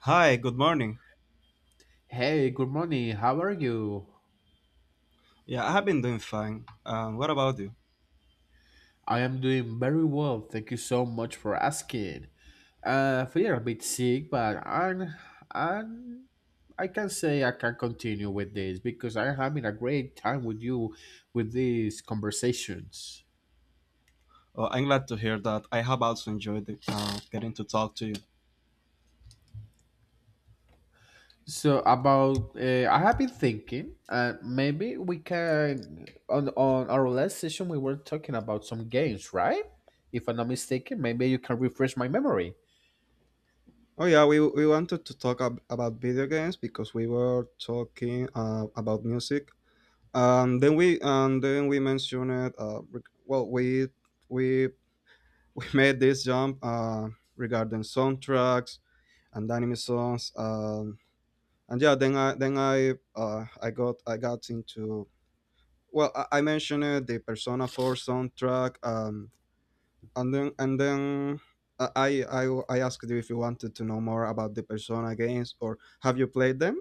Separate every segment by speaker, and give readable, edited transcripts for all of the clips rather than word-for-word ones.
Speaker 1: Hi, good morning.
Speaker 2: Hey, good morning. How are you?
Speaker 1: Yeah, I have been doing fine. What about you?
Speaker 2: I am doing very well. Thank you so much for asking. I feel a bit sick, but I'm, I can say I can continue with this because I'm having a great time with you with these conversations.
Speaker 1: Oh, I'm glad to hear that. I have also enjoyed getting to talk to you.
Speaker 2: So about, I have been thinking, maybe we can on our last session we were talking about some games, right? If I'm not mistaken, maybe you can refresh my memory.
Speaker 1: Oh yeah, we wanted to talk about video games because we were talking about music. Then we mentioned reg- well we we made this jump regarding soundtracks and anime songs. And yeah, then I I got into. Well, I mentioned the Persona 4 soundtrack. And then I asked you if you wanted to know more about the Persona games, or have you played them?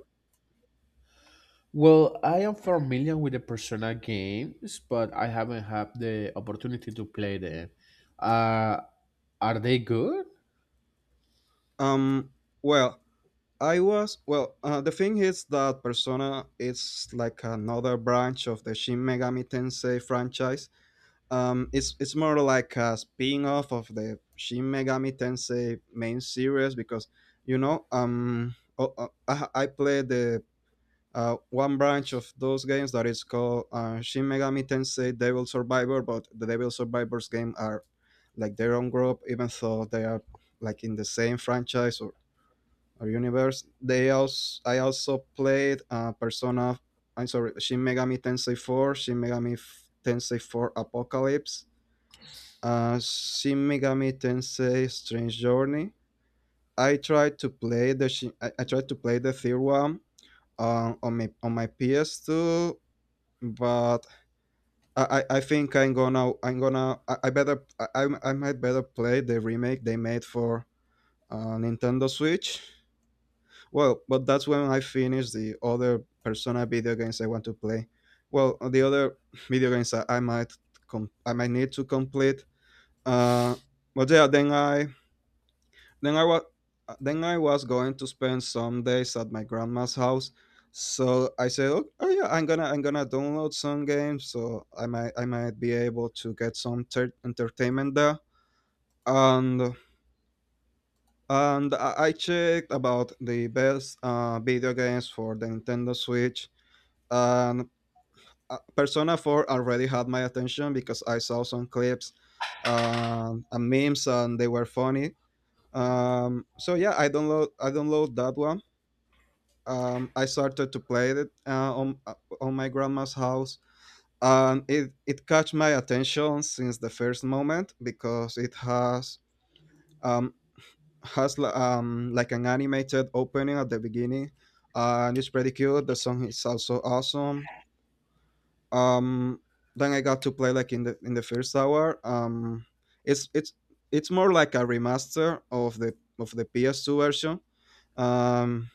Speaker 2: Well, I am familiar with the Persona games, but I haven't had the opportunity to play them. Uh, are they good?
Speaker 1: Um, well, I was well. The thing is that Persona is like another branch of the Shin Megami Tensei franchise. It's more like a spin-off of the Shin Megami Tensei main series because you know. I played the one branch of those games that is called Shin Megami Tensei Devil Survivor, but the Devil Survivors game are like their own group, even though they are like in the same franchise or universe. They also I also played Persona. I'm sorry, Shin Megami Tensei 4, Tensei 4 Apocalypse, Shin Megami Tensei Strange Journey. I tried to play the third one on my PS2, but I think I'm gonna I better I, I'm- I might better play the remake they made for Nintendo Switch. Well, but that's when I finish the other Persona video games I want to play. Well, the other video games I might I might need to complete. Uh, but yeah, Then I was then I was going to spend some days at my grandma's house, so I said, "Oh, oh yeah, I'm gonna download some games, so I might be able to get some entertainment there." And I checked about the best video games for the Nintendo Switch, and Persona 4 already had my attention because I saw some clips, and memes, and they were funny. So yeah, I download that one. I started to play it on my grandma's house, and it caught my attention since the first moment because it has um, like an animated opening at the beginning, and it's pretty cute. The song is also awesome. Um, then I got to play like in the first hour. It's it's it's more like a remaster of the PS2 version. Um,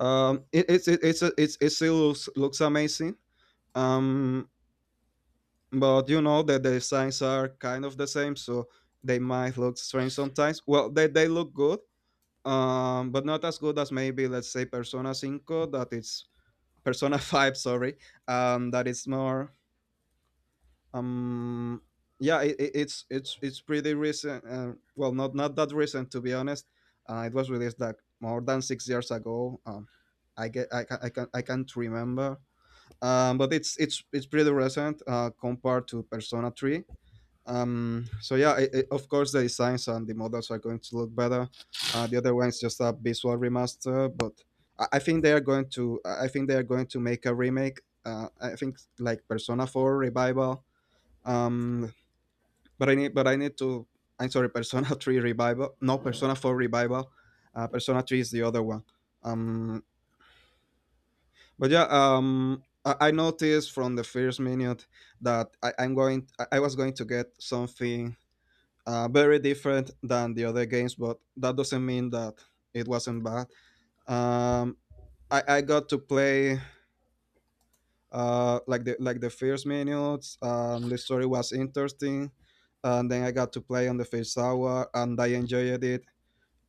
Speaker 1: It, it's It still looks amazing. Um, but you know that the designs are kind of the same, so they might look strange sometimes. Well, they look good, but not as good as maybe, let's say, Persona Cinco. That it's Persona Five, sorry. That it's more um. Yeah, it, it's pretty recent. Not not that recent, to be honest. It was released like more than 6 years ago. I get I can I can I can't remember, but it's pretty recent compared to Persona 3. So yeah, I of course the designs and the models are going to look better. The other one is just a visual remaster, but I think they are going to I think they are going to make a remake. I think like Persona 4 revival. Um, but I need to. I'm sorry, Persona 3 revival. No, Persona 4 revival. Persona 3 is the other one. Um, but yeah, I noticed from the first minute that I was going to get something very different than the other games, but that doesn't mean that it wasn't bad. Um, I got to play like the first minutes, and the story was interesting, and then I got to play on the first hour, and I enjoyed it.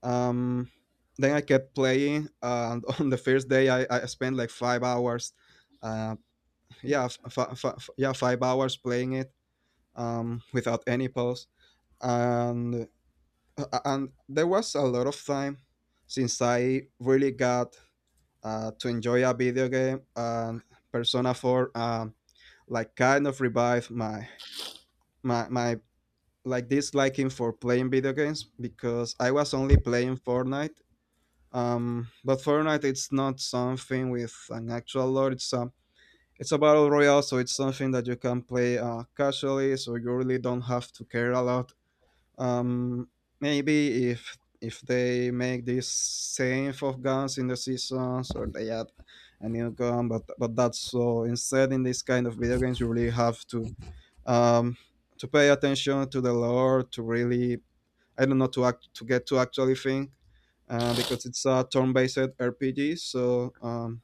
Speaker 1: Um, then I kept playing, and on the first day, I spent like 5 hours. uh, yeah, f- f- f- yeah, 5 hours playing it, without any pause, and and there was a lot of time since I really got to enjoy a video game, and Persona Four like kind of revived my like disliking for playing video games, because I was only playing Fortnite. But Fortnite it's not something with an actual lore; it's a battle royale, so it's something that you can play casually, so you really don't have to care a lot. Um, Maybe if they make this same of guns in the seasons, or they add a new gun, but that's so. Instead, in this kind of video games, you really have um, to pay attention to the lore, to really, I don't know, to get to actually think. Because it's a turn-based RPG, so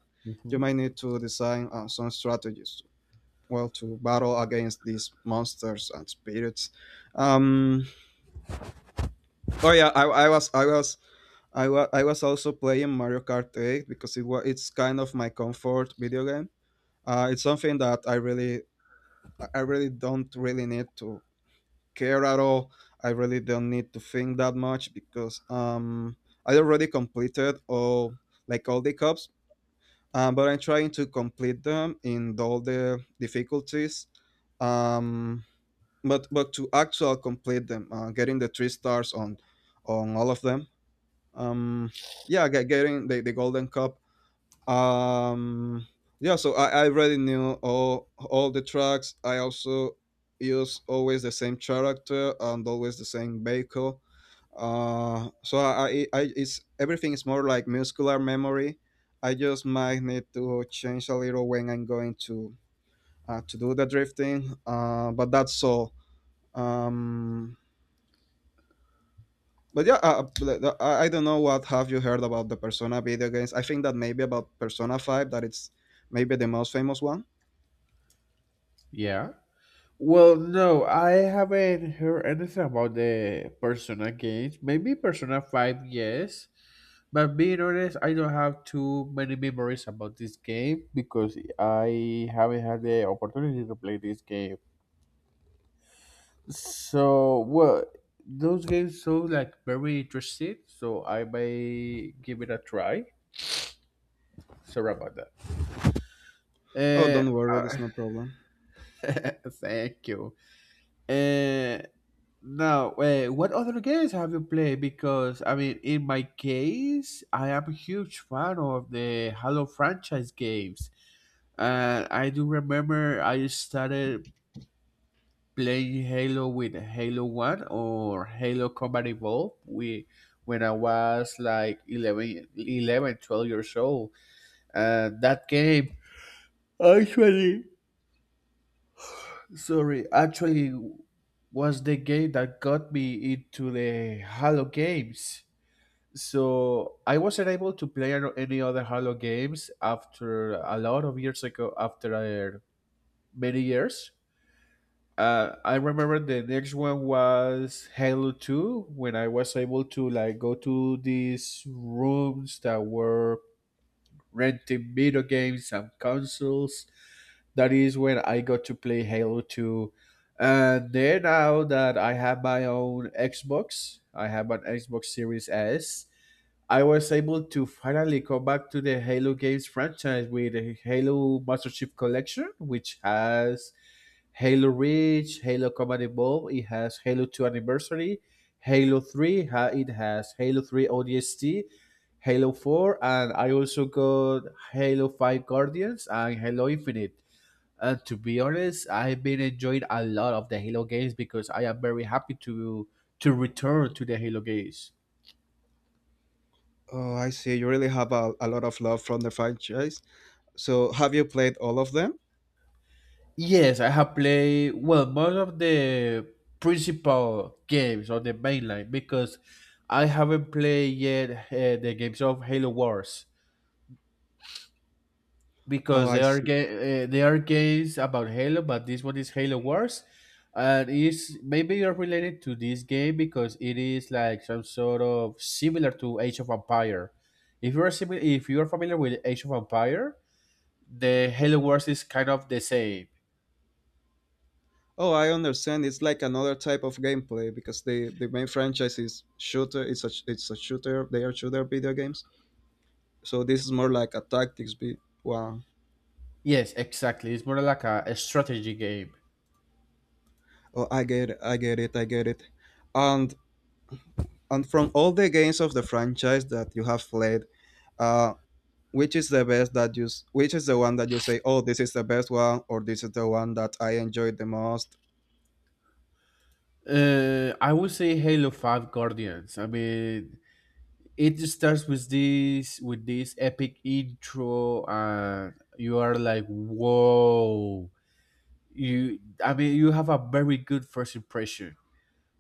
Speaker 1: you
Speaker 2: Hmm.
Speaker 1: might need to design some strategies, well, to battle against these monsters and spirits. Um, oh yeah, I was also playing Mario Kart 8 because it's kind of my comfort video game. It's something that I really don't really need to care at all. I really don't need to think that much because I already completed all like all the cups, but I'm trying to complete them in all the difficulties. Um, but to actual complete them getting the three stars on all of them, um yeah getting the golden cup. um I already knew all the tracks. I also use always the same character and always the same vehicle. So I- it's Everything is more like muscular memory. I just might need to change a little when I'm going to do the drifting, but that's all. Um but yeah, I don't know what have you heard about the Persona video games. I think that maybe about Persona Five, that it's maybe the most famous one.
Speaker 2: Yeah. Well, no, I haven't heard anything about the Persona games. Maybe Persona 5, yes. But being honest, I don't have too many memories about this game because I haven't had the opportunity to play this game. So well, those games so like very interesting. So I may give it a try. Sorry about
Speaker 1: Oh, don't
Speaker 2: that.
Speaker 1: worry, there's no problem.
Speaker 2: Thank you. Uh, Now, what other games have you played? Because I mean, in my case, I am a huge fan of the Halo franchise games. And I do remember I started play Halo with Halo 1 or Halo Combat Evolved when I was like 11, 12 years old. That game actually, actually was the game that got me into the Halo games. So I wasn't able to play any other Halo games after a lot of years ago, after many years. I remember the next one was Halo 2 when I was able to like go to these rooms that were renting video games and consoles. That is when I got to play Halo 2. And then now that I have my own Xbox, I have an Xbox Series S. I was able to finally come back to the Halo games franchise with the Halo Master Chief Collection, which has Halo Reach, Halo Combat Evolved, it has Halo 2 Anniversary, Halo 3, it has Halo 3 ODST, Halo 4, and I also got Halo 5 Guardians and Halo Infinite. And to be honest, I've been enjoying a lot of the Halo games because I am very happy to return to the Halo games.
Speaker 1: Oh, I see. You really have a lot of love from the franchise. So, have you played all of them?
Speaker 2: Yes, I have played well most of the principal games on the mainline because I haven't played yet the games of Halo Wars.
Speaker 1: Oh,
Speaker 2: Because
Speaker 1: I
Speaker 2: there are
Speaker 1: see.
Speaker 2: games about Halo, but this one is Halo Wars, and is maybe you're related to this game because it is like some sort of similar to Age of Empire. If you're familiar with Age of Empire, the Halo Wars is kind of the same.
Speaker 1: Oh, I understand. It's like another type of gameplay because the main franchise is shooter. It's a shooter. They are shooter video games. So this is more like a tactics. Be wow.
Speaker 2: Yes, exactly. It's more like a strategy game.
Speaker 1: Oh, I get it. I get it. I get it. And and from all the games of the franchise that you have played, uh, which is the best that which is the one that you say, oh, this is the best one, or this is the one that I enjoyed the most.
Speaker 2: I would say Halo Five Guardians. I mean, it starts with this epic intro, and you are like, whoa. You i mean you have a very good first impression.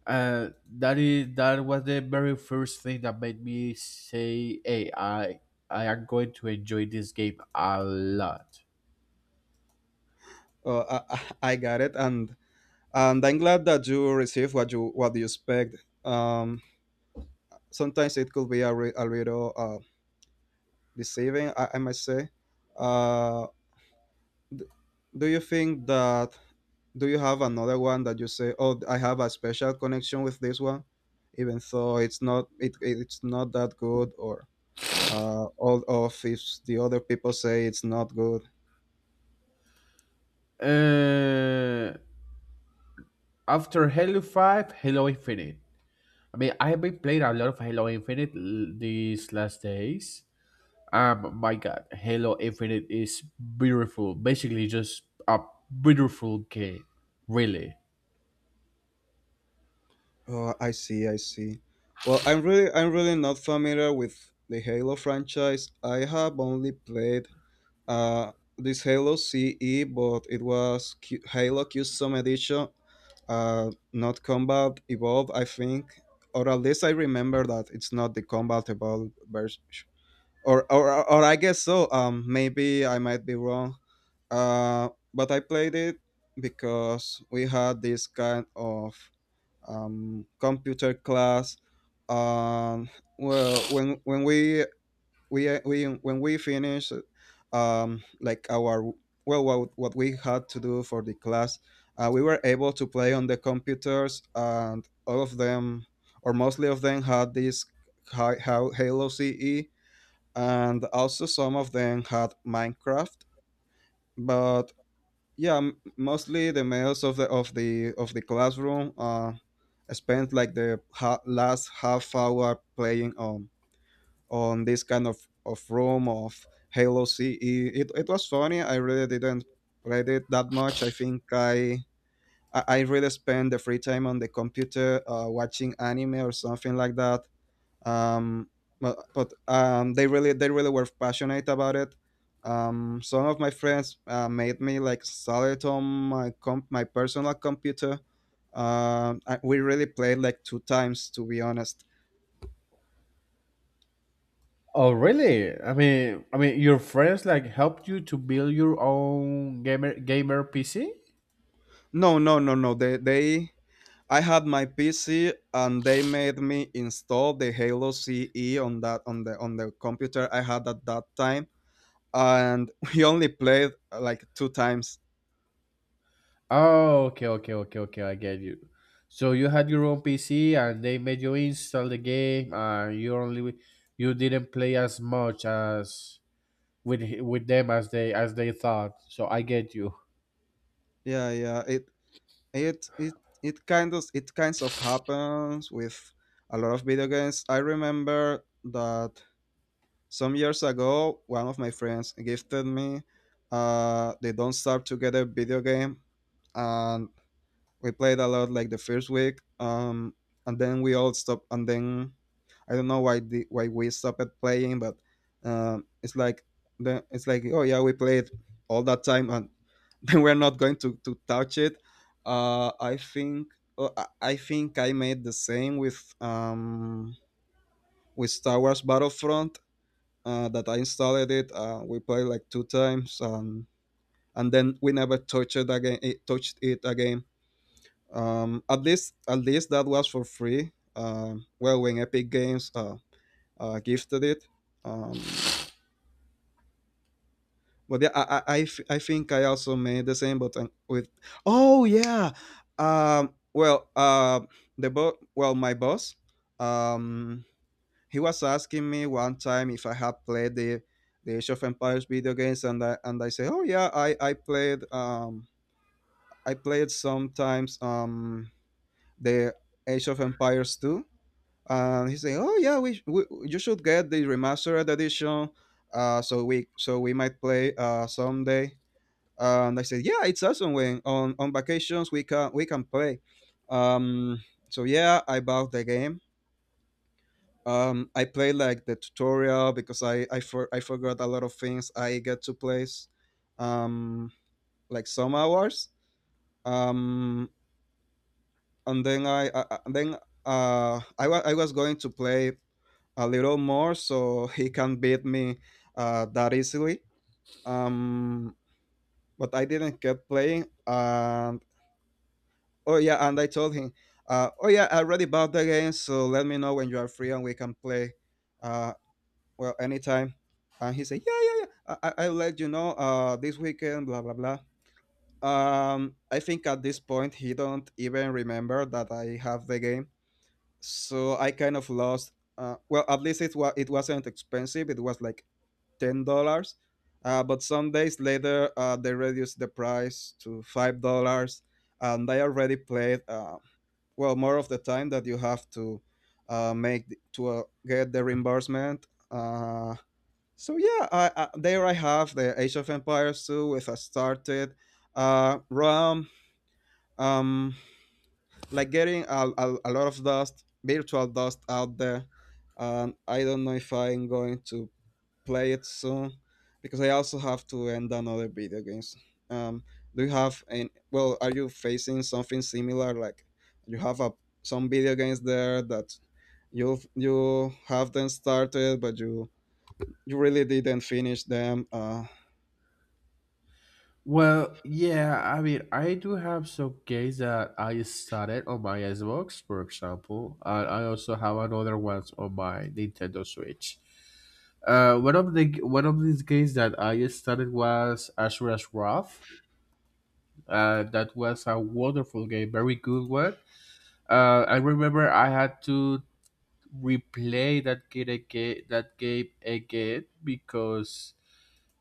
Speaker 2: That was the very first thing that made me say, hey, I am going to enjoy this game a lot.
Speaker 1: Oh, I got it. And I'm glad that you received what you expect. Um, Sometimes it could be a little deceiving, I might say. uh, d- do you think that, do you have another one that you say, oh, I have a special connection with this one, even though it, it's not that good, or all of if the other people say it's not good.
Speaker 2: uh After Halo 5, Halo Infinite. I mean, I've been playing a lot of Halo Infinite these last days. My God, Halo Infinite is beautiful. Basically, just a beautiful game. Really.
Speaker 1: Oh, I see, I see. Well, I'm really not familiar with the Halo franchise. I have only played this Halo CE, but it was Halo Custom Edition, not Combat Evolved, I think, or at least I remember that it's not the Combat Evolved version, or I guess so. Maybe I might be wrong. But I played it because we had this kind of computer class. Um, well, when we finish like our, well, what we had to do for the class, we were able to play on the computers, and all of them, or mostly of them, had this hi- how Halo CE, and also some of them had Minecraft. But yeah, mostly the males of the of the of the classroom spend like the last half hour playing on this kind of room of halo ce. It was funny. I really didn't play it that much. I think I I really spent the free time on the computer, watching anime or something like that, um, but they really were passionate about it. Some of my friends made me like install on my personal computer. We really played like two times, to be honest.
Speaker 2: Oh, really? I mean, your friends like helped you to build your own gamer PC?
Speaker 1: No, no, no, no. They I had my PC and they made me install the Halo CE on that on the computer I had at that time and we only played like two times.
Speaker 2: Oh, okay, okay, okay, okay. I get you. So you had your own PC, and they made you install the game, and you didn't play as much as with them as they thought. So I get you.
Speaker 1: Yeah, yeah. It it it kinds of happens with a lot of video games. I remember that some years ago, one of my friends gifted me the Don't Starve Together video game, and we played a lot like the first week, and then we all stopped. And then I don't know why we stopped at playing, but it's like it's like, oh yeah, we played all that time, and we're not going to touch it. I think I think I made the same with Star Wars Battlefront. That I installed it. We played like two times, and then we never touched it again. It touched it again. At least that was for free. Well, when Epic Games gifted it. Um, But yeah, I think I also made the same, but with oh yeah, um, well, uh, well, my boss, um, he was asking me one time if I had played the Age of Empires video games, and I say, oh yeah, I played, I played sometimes the Age of Empires two, and he say, oh yeah, we you should get the remastered edition, so we might play someday. And I said, "Yeah, it's awesome. When on vacations we can play." Um, so yeah, I bought the game. I played like the tutorial because I forgot a lot of things. I get to play um, like some hours, um, and then I was going to play a little more so he can beat me that easily. Um, but I didn't get playing. Oh yeah, and I told him, oh yeah, I already bought the game, so let me know when you are free and we can play. Uh, well, anytime. And he said, yeah, yeah, yeah. I'll let you know. This weekend, blah blah blah. I think at this point he don't even remember that I have the game, so I kind of lost. Well, at least it wasn't expensive. It was like $10. But some days later, they reduced the price to $5, and I already played. Well, more of the time that you have to get the reimbursement. So yeah, there I have the Age of Empires 2 with a started rom, um, like getting a lot of dust, virtual dust out there. I don't know if I'm going to play it soon because I also have to end another video games. Um, do you have an well? Are you facing something similar? Like you have a some video games there that you have them started, but you really didn't finish them.
Speaker 2: Well, yeah, I mean, I do have some games that I started on my Xbox, for example, and I also have another ones on my Nintendo Switch. One of these games that I started was Ashura's Wrath. That was a wonderful game, very good one. I remember I had to replay that game again because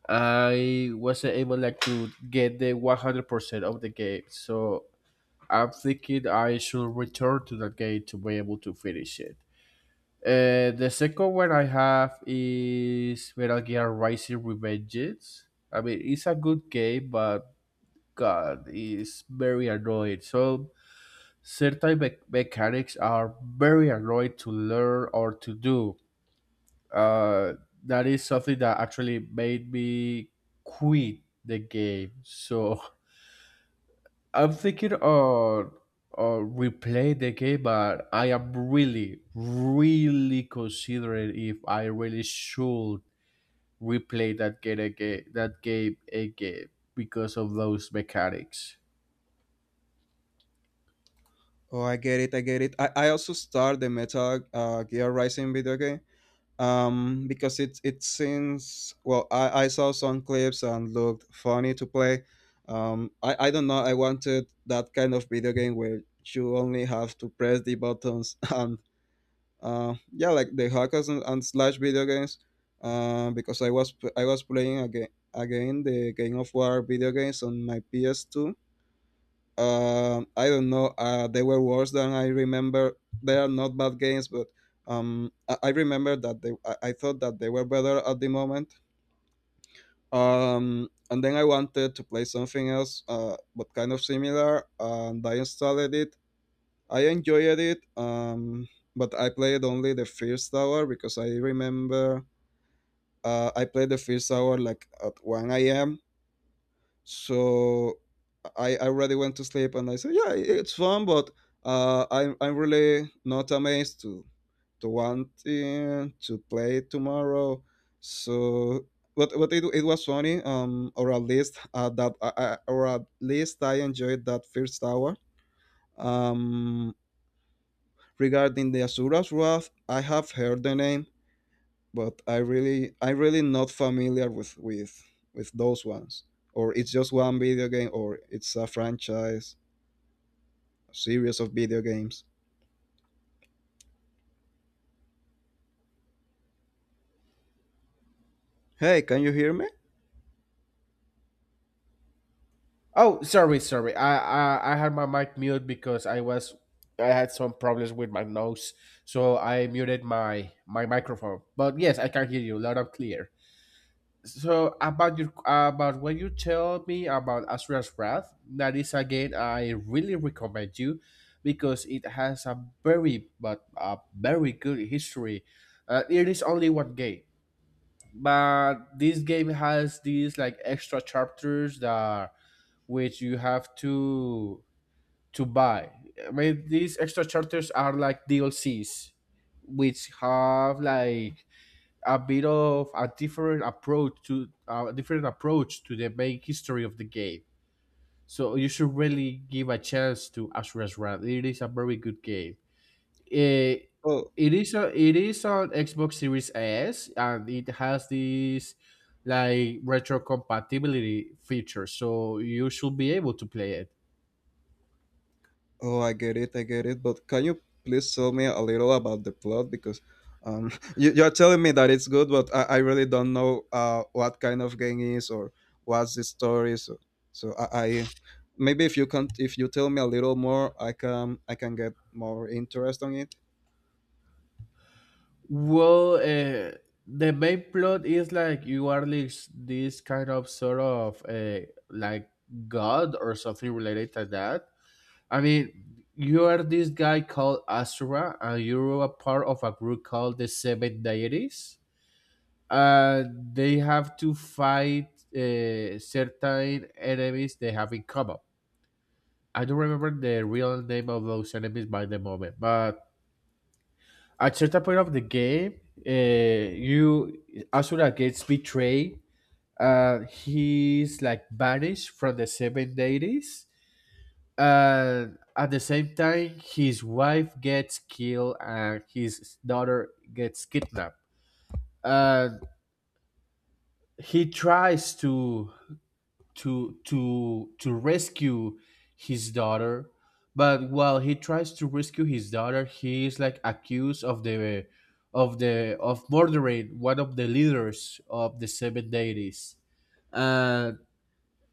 Speaker 2: I wasn't able like to get the 100% of the game. So I'm thinking I should return to that game to be able to finish it. The second one I have is Metal Gear Rising Revengeance. I mean, it's a good game, but God, it's very annoying. So certain mechanics are very annoying to learn or to do. Uh, that is something that actually made me quit the game. So I'm thinking on replay the game, but I am really, really considering if I really should replay that game again because of those mechanics.
Speaker 1: Oh, I get it, I get it. I also start the Metal Gear Rising video game, because it seems, well, I saw some clips and looked funny to play. I don't know, I wanted that kind of video game where you only have to press the buttons and yeah, like the hackers and slash video games because I was playing again the game of war video games on my PS2. I don't know. They were worse than I remember. They are not bad games, but I remember that they. I thought that they were better at the moment. And then I wanted to play something else, but kind of similar. And I installed it. I enjoyed it. But I played only the first hour because I played the first hour like at one a.m. So I already went to sleep and I said, yeah, it's fun, but I'm really not amazed to want to play tomorrow. So, but it was funny, or at least I enjoyed that first hour. Um, Regarding the Asura's Wrath, I have heard the name, but I really not familiar with those ones. Or it's just one video game, or it's a franchise, series of video games. Hey, can you hear me?
Speaker 2: Oh, sorry, sorry. I had my mic mute because I had some problems with my nose, so I muted my microphone. But yes, I can hear you loud and clear. So about what you tell me about Asura's Wrath, that is again I really recommend you because it has a very good history. It is only one game, but this game has these like extra chapters that which you have to buy. I mean, these extra chapters are like DLCs, which have like a bit of a different approach to the main history of the game. So you should really give a chance to Ashura's Wrath. It is a very good game. Eh,
Speaker 1: Oh.
Speaker 2: it is on Xbox Series S and it has this like retro compatibility feature, so you should be able to play it.
Speaker 1: Oh, I get it, I get it. But can you please tell me a little about the plot? Because you're telling me that it's good, but I really don't know what kind of game is, or what's the story. So, so I maybe if you can, if you tell me a little more, I can get more interest on it.
Speaker 2: Well, the main plot is like you are this kind of sort of like god or something related to that. I mean, you are this guy called Asura, and you're a part of a group called the Seven Deities. Uh, they have to fight certain enemies they have in common. I don't remember the real name of those enemies by the moment, but at certain point of the game, you Asura gets betrayed. He's like banished from the Seven Deities. And at the same time, his wife gets killed and his daughter gets kidnapped. And he tries to rescue his daughter, but while he tries to rescue his daughter, he is like accused of murdering one of the leaders of the Seven Deities. And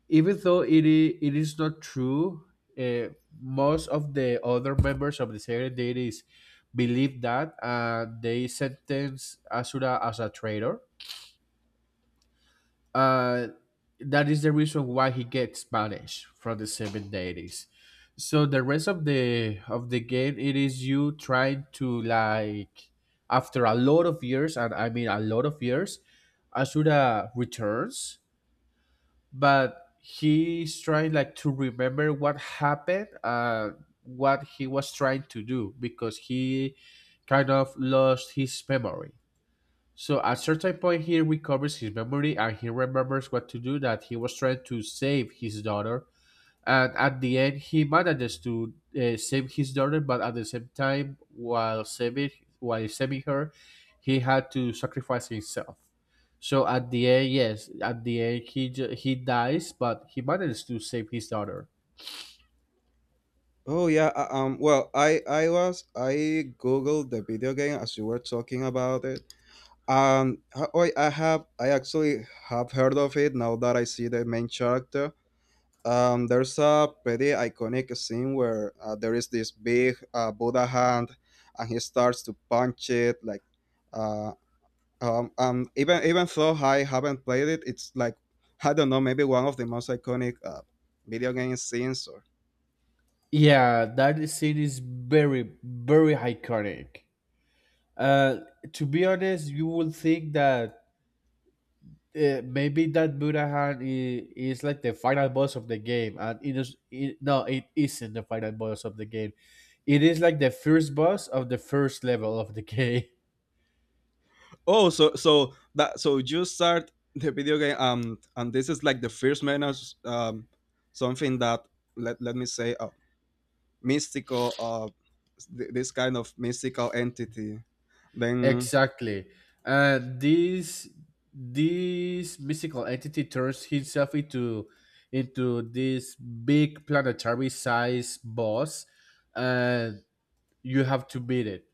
Speaker 2: even though it is not true, uh, most of the other members of the Seven Deities believe that, and they sentence Asura as a traitor. uh, that is the reason why he gets banished from the Seven Deities. So the rest of the game, it is you trying to like, after a lot of years, and I mean a lot of years, Asura returns, but he's trying like to remember what happened and what he was trying to do because he kind of lost his memory. So at certain point, he recovers his memory and he remembers what to do. That he was trying to save his daughter, and at the end, he manages to save his daughter. But at the same time, while saving her, he had to sacrifice himself. So at the end, yes, at the end, he dies, but he manages to save his daughter.
Speaker 1: Oh yeah. Well, I googled the video game as you were talking about it. Oh, I actually have heard of it now that I see the main character. There's a pretty iconic scene where there is this big Buddha hand, and he starts to punch it. Like, uh, even though I haven't played it, it's like, I don't know, maybe one of the most iconic video game scenes.
Speaker 2: Yeah, that scene is very, very iconic. Uh, to be honest, you would think that maybe that Budahan is like the final boss of the game, and no, it isn't the final boss of the game. It is like the first boss of the first level of the game.
Speaker 1: Oh, so so that so you start the video game and this is like the first menu, um something that, let me say, mystical, this kind of mystical entity. Then…
Speaker 2: Exactly, and this mystical entity turns himself into this big planetary size boss, and you have to beat it.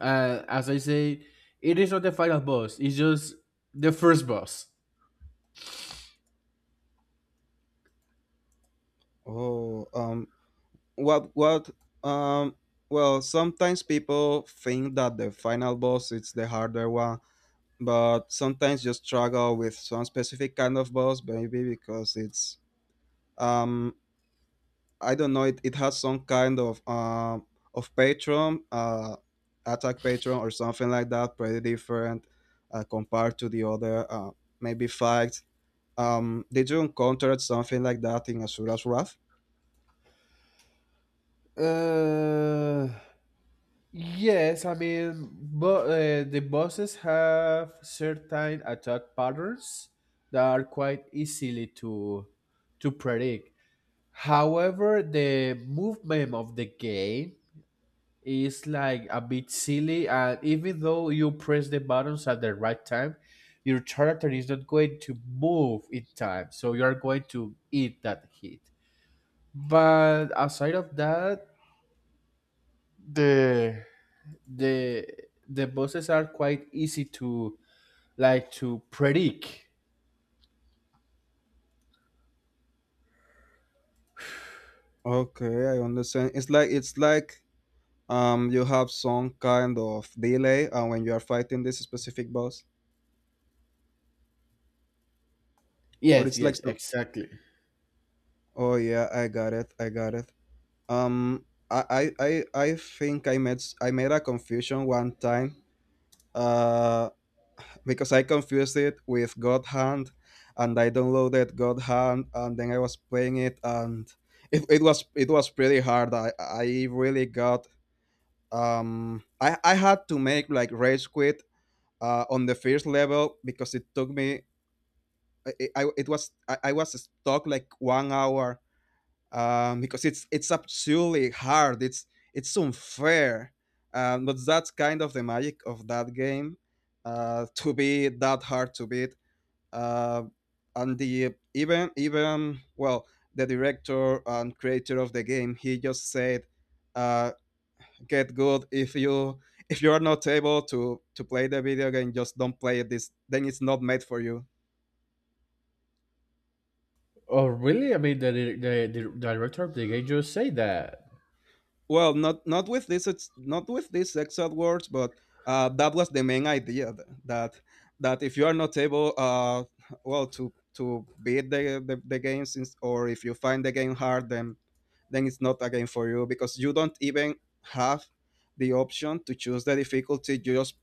Speaker 2: And as I say, it is not the final boss; it's just the first boss.
Speaker 1: oh what um well, sometimes people think that the final boss is the harder one, but sometimes you struggle with some specific kind of boss, maybe because it's um I don't know. It has some kind of patron, attack patron or something like that. Pretty different compared to the other maybe fights. Did you encounter something like that in Asura's Wrath?
Speaker 2: Uh, yes, I mean, but the buses have certain attack patterns that are quite easily to predict. However, the movement of the game is like a bit silly, and even though you press the buttons at the right time, your character is not going to move in time, so you are going to eat that hit. But aside of that, the the the bosses are quite easy to like to predict.
Speaker 1: Okay, I understand. It's like, you have some kind of delay when you are fighting this specific boss, or
Speaker 2: Yes,
Speaker 1: it's like
Speaker 2: yes,
Speaker 1: some.
Speaker 2: exactly.
Speaker 1: Oh yeah, I got it. I got it. Um, I think I made s- I made a confusion one time uh, because I confused it with God Hand, and I downloaded God Hand, and then I was playing it, and it was pretty hard. I really got I had to make like rage quit on the first level because it took me. I was stuck like 1 hour, because it's absolutely hard. It's unfair, but that's kind of the magic of that game, to be that hard to beat. Uh, and the even even Well, the director and creator of the game, he just said, uh, "Get good. If you are not able to play the video game, just don't play it. This then it's not made for you."
Speaker 2: Oh, really? I mean, the director of the game just say that.
Speaker 1: Well, not with these exact words, but that was the main idea that if you are not able, well, to beat the game since, or if you find the game hard, then it's not a game for you because you don't even have the option to choose the difficulty.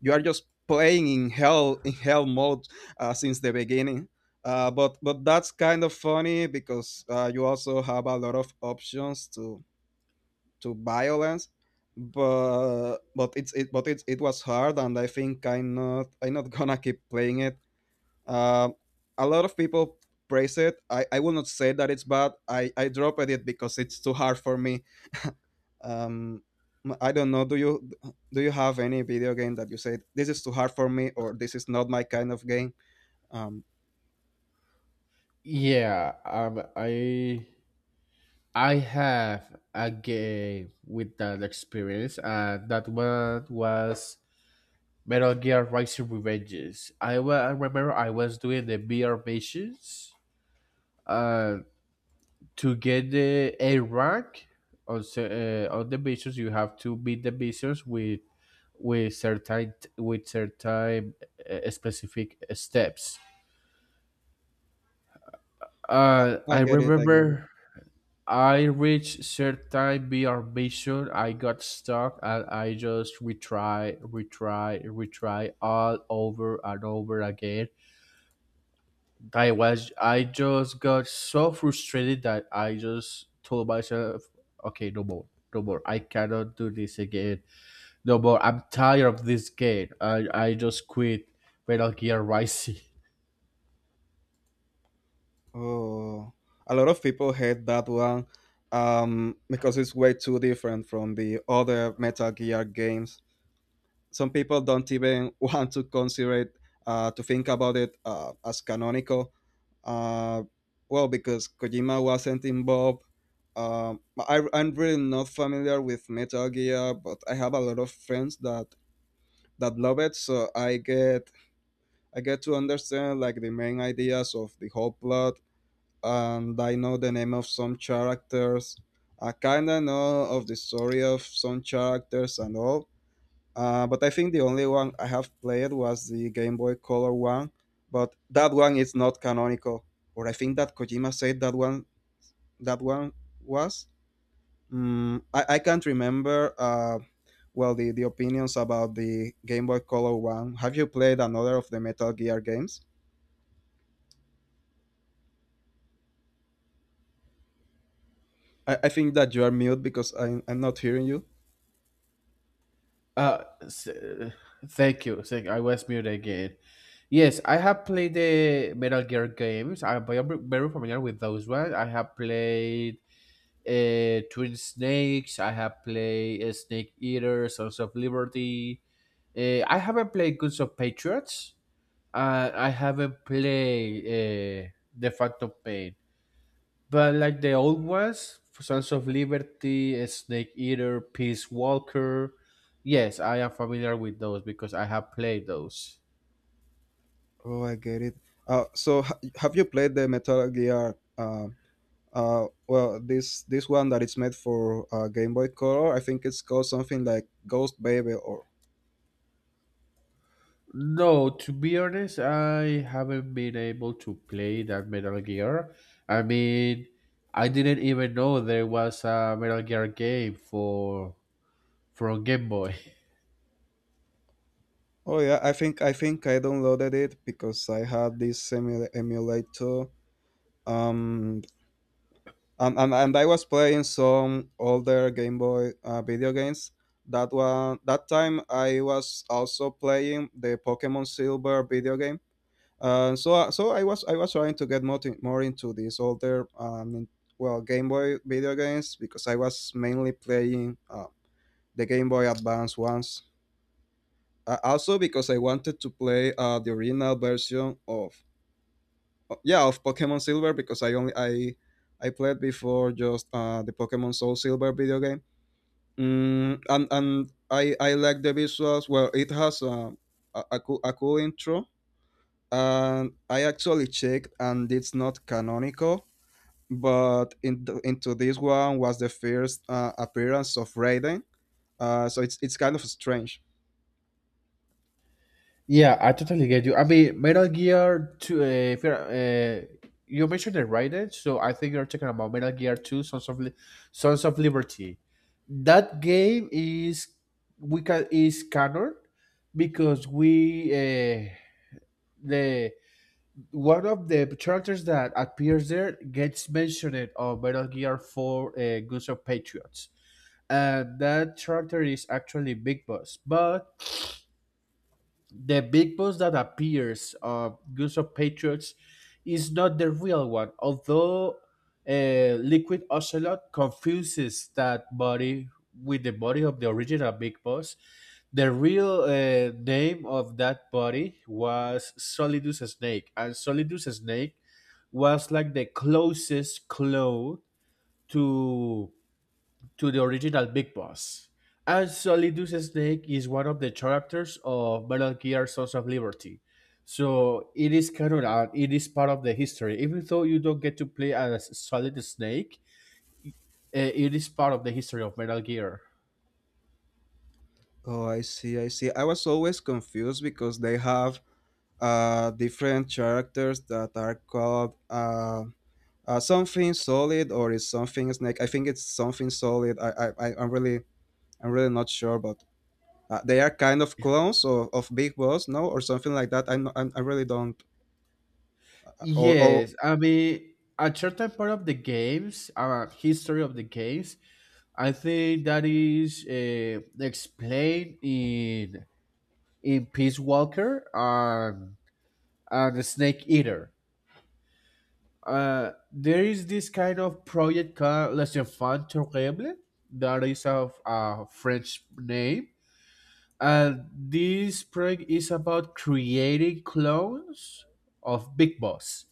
Speaker 1: You are just playing in hell mode, since the beginning. But that's kind of funny because you also have a lot of options to violence but it's it but it was hard, and I think I'm not gonna keep playing it. uh, a lot of people praise it. I will not say that it's bad. I dropped it because it's too hard for me. Um i don't know, do you have any video game that you said, this is too hard for me, or this is not my kind of game? um
Speaker 2: Yeah, I have a game with that experience, and that one was Metal Gear Rising Revenges. I remember I was doing the VR missions. Uh. To get the a rank on on the missions you have to beat the missions with certain specific steps.
Speaker 1: i,
Speaker 2: uh
Speaker 1: I
Speaker 2: i
Speaker 1: get it, I get it.
Speaker 2: remember I reached certain br mission. I got stuck, and I just retry retry retry all over and over again. I just got so frustrated that I just told myself, okay, no more, no more. I cannot do this again. No more. I'm tired of this game. I just quit Metal Gear Rising.
Speaker 1: Oh, a lot of people hate that one, because it's way too different from the other Metal Gear games. Some people don't even want to consider it, to think about it as canonical. Uh, well, because Kojima wasn't involved. I'm really not familiar with Metal Gear, but I have a lot of friends that love it, so I get to understand like the main ideas of the whole plot, and I know the name of some characters. I kinda know of the story of some characters and all. But I think the only one I have played was the Game Boy Color one. But that one is not canonical, or I think that Kojima said that one was. I can't remember. The opinions about the Game Boy Color one. Have you played another of the Metal Gear games? I think that you are mute because I'm not hearing you.
Speaker 2: Uh, s- uh, Thank you. Thank I was muted again. Yes, I have played the Metal Gear games. I'm very familiar with those ones. I have played Twin Snakes. I have played Snake Eater, Sons of Liberty. I haven't played Goods of Patriots. I haven't played The Phantom Pain. But like the old ones, Sons of Liberty, Snake Eater, Peace Walker. Yes, I am familiar with those because I have played those.
Speaker 1: Oh, I get it. So have you played the Metal Gear? Well, this one that it's made for Game Boy Color. I think it's called something like Ghost Baby or.
Speaker 2: No, to be honest, I haven't been able to play that Metal Gear. I mean, I didn't even know there was a Metal Gear game for from Game Boy.
Speaker 1: Oh yeah, I think I downloaded it because I had this emulator. Um, and I was playing some older Game Boy video games. That time I was also playing the Pokemon Silver video game. I was trying to get more, more into these older Game Boy video games because I was mainly playing the Game Boy Advance ones. Also because I wanted to play the original version of yeah, of Pokemon Silver because I only I played before just the Pokemon Soul Silver video game. And I like the visuals. Well, it has a cool intro, and I actually checked, and it's not canonical. But into this one was the first appearance of Raiden, so it's kind of strange.
Speaker 2: Yeah, I totally get you. I mean, Metal Gear Two. If you're, you mentioned the right, eh? So I think you're talking about Metal Gear Two, Sons of Liberty. That game is we can is canon because we the one of the characters that appears there gets mentioned on Metal Gear Four, Guns of Patriots, and that character is actually Big Boss. But the big boss that appears of Goose of Patriots is not the real one, although uh, Liquid Ocelot confuses that body with the body of the original Big Boss. The real name of that body was Solidus Snake, and Solidus Snake was like the closest clone to to the original Big Boss. As Solidus Snake is one of the characters of Metal Gear Sons of Liberty. So it is canon and it is part of the history. Even though you don't get to play as Solid Snake, i- it is part of the history of Metal Gear.
Speaker 1: Oh, I see, I see. I was always confused because they have different characters that are called something solid or is something snake. I think it's something solid. I'm really not sure, but they are kind of clones of Big Boss, no, or something like that. I'm I really don't, or
Speaker 2: Yes, I mean, a certain part of the games, history of the games, I think that is explained in Peace Walker and the Snake Eater. There is this kind of project called Les Enfants Terribles. That is of a French name. And this project is about creating clones of Big Boss.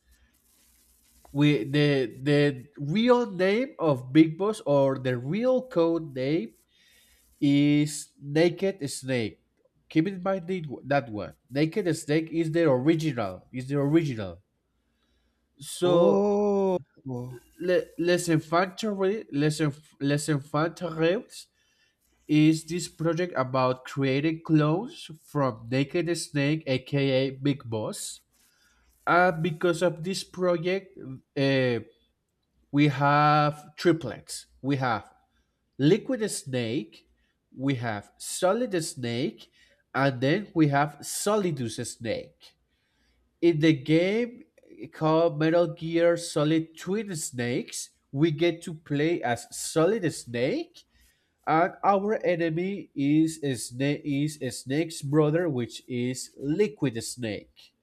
Speaker 2: The real name of Big Boss or the real code name is Naked Snake. Keep in mind that one. Naked Snake is the original. Is the original. So
Speaker 1: Oh, oh,
Speaker 2: Les Infanteries is this project about creating clones from Naked Snake, aka Big Boss. And because of this project, uh, we have triplets. We have Liquid Snake, we have Solid Snake, and then we have Solidus Snake. In the game called Metal Gear Solid Twin Snakes, we get to play as Solid Snake, and our enemy is a Snake's brother, which is Liquid Snake.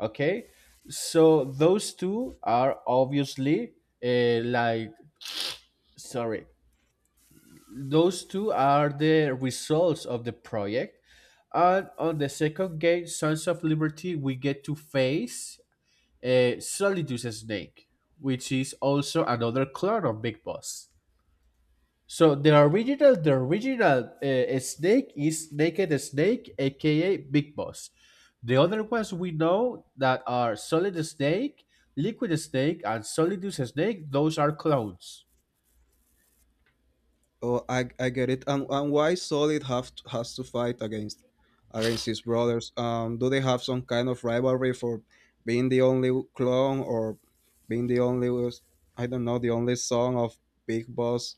Speaker 2: Okay, so those two are obviously uh, like sorry, those two are the results of the project. And on the second game, Sons of Liberty, we get to face Solidus Snake, which is also another clone of Big Boss. So the original Snake is Naked Snake, aka Big Boss. The other ones we know that are Solid Snake, Liquid Snake, and Solidus Snake. Those are clones.
Speaker 1: I get it. And why Solid have to, has to fight against against his brothers? Do they have some kind of rivalry for being the only clone or being the only, I don't know, the only son of Big Boss?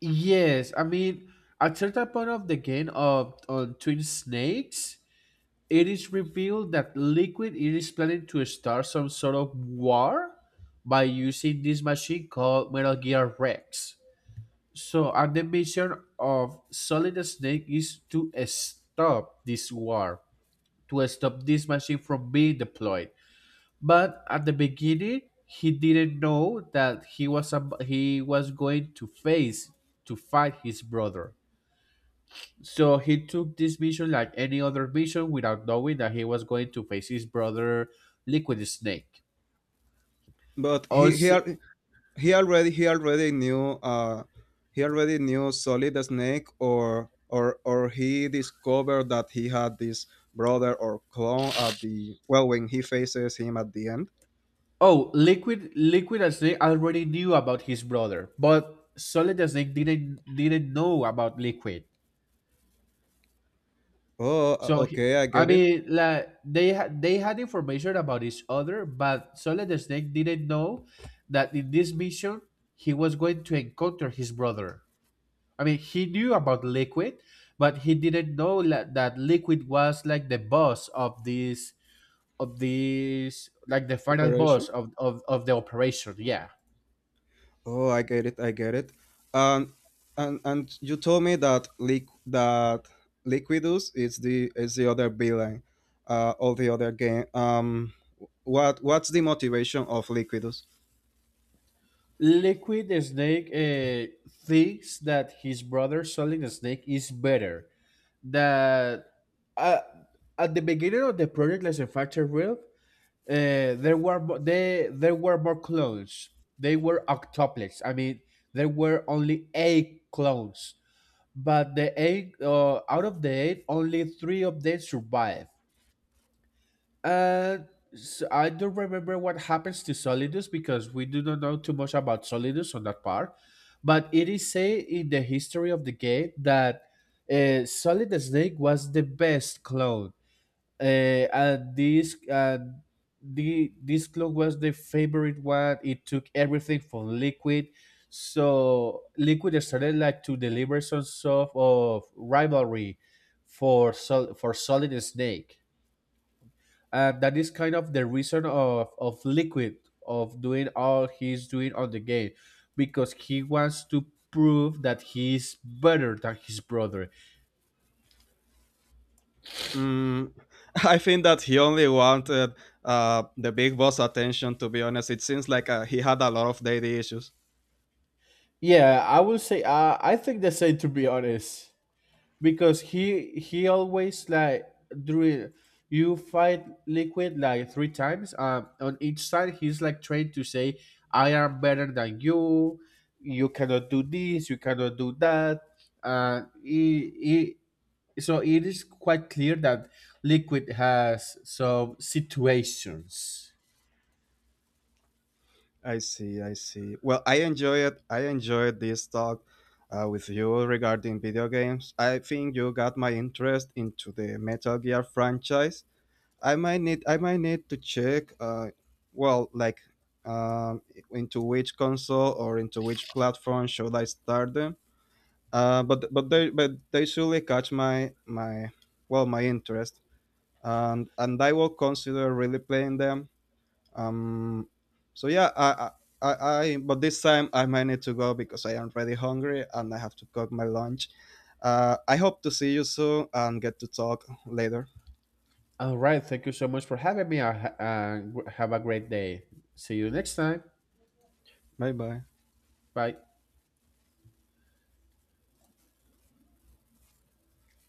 Speaker 2: Yes, I mean at certain point of the game of on Twin Snakes, it is revealed that Liquid is planning to start some sort of war by using this machine called Metal Gear Rex. So, and the mission of Solid Snake is to stop this war, to stop this machine from being deployed. But at the beginning, he didn't know that he was he was going to face to fight his brother. So he took this mission like any other mission without knowing that he was going to face his brother Liquid Snake.
Speaker 1: But he he
Speaker 2: Also,
Speaker 1: al- he already he already knew, he already knew Solid the Snake, or he discovered that he had this brother or clone at the, well, when he faces him at the end.
Speaker 2: oh, Liquid and Snake already knew about his brother, but Solid and Snake didn't know about Liquid.
Speaker 1: Oh,
Speaker 2: So he,
Speaker 1: okay, I
Speaker 2: I
Speaker 1: get it.
Speaker 2: mean, like they had information about each other, but Solid and Snake didn't know that in this mission he was going to encounter his brother. I mean, he knew about Liquid, but he didn't know that Liquid was like the boss of this like the final boss
Speaker 1: Operation.
Speaker 2: of of the operation. Yeah.
Speaker 1: Oh, I get it. I get it. And and you told me that liq that Liquidus is the, is the other villain, of the other game. What what's the motivation of Liquidus?
Speaker 2: Liquid Snake thinks that his brother Solid Snake is better. That uh, at the beginning of the project, like us factor real, there were mo- they there were more clones. They were octuplets. I mean, there were only eight clones but the eight out of the eight, only three of them survive. And so I don't remember what happens to Solidus because we do not know too much about Solidus on that part. But it is said in the history of the game that Solid Snake was the best clone and this the this clock was the favorite one. It took everything from Liquid, so Liquid started like to deliver some sort of rivalry for for Solid Snake, and that is kind of the reason of Liquid of doing all he's doing on the game, because he wants to prove that he's better than his brother.
Speaker 1: Mm, I think that he only wanted the big boss attention. To be honest, it seems like he had a lot of daddy issues.
Speaker 2: Yeah, I will say I think the same to be honest. Because he always like drew you fight liquid like three times on each side he's like trained to say I am better than you. You cannot do this, you cannot do that. uh he, he, so it is quite clear that liquid has some situations.
Speaker 1: I see, I see. Well, I enjoyed this talk with you regarding video games. I think you got my interest into the Metal Gear franchise. I might need to check well, like um, into which console or into which platform should I start them. But they surely catch my interest. And I will consider really playing them, um, so yeah, but this time I might need to go because I am really hungry and I have to cook my lunch. I hope to see you soon and get to talk later.
Speaker 2: All right, thank you so much for having me. Have a great day. See you next time.
Speaker 1: Bye bye.
Speaker 2: Bye.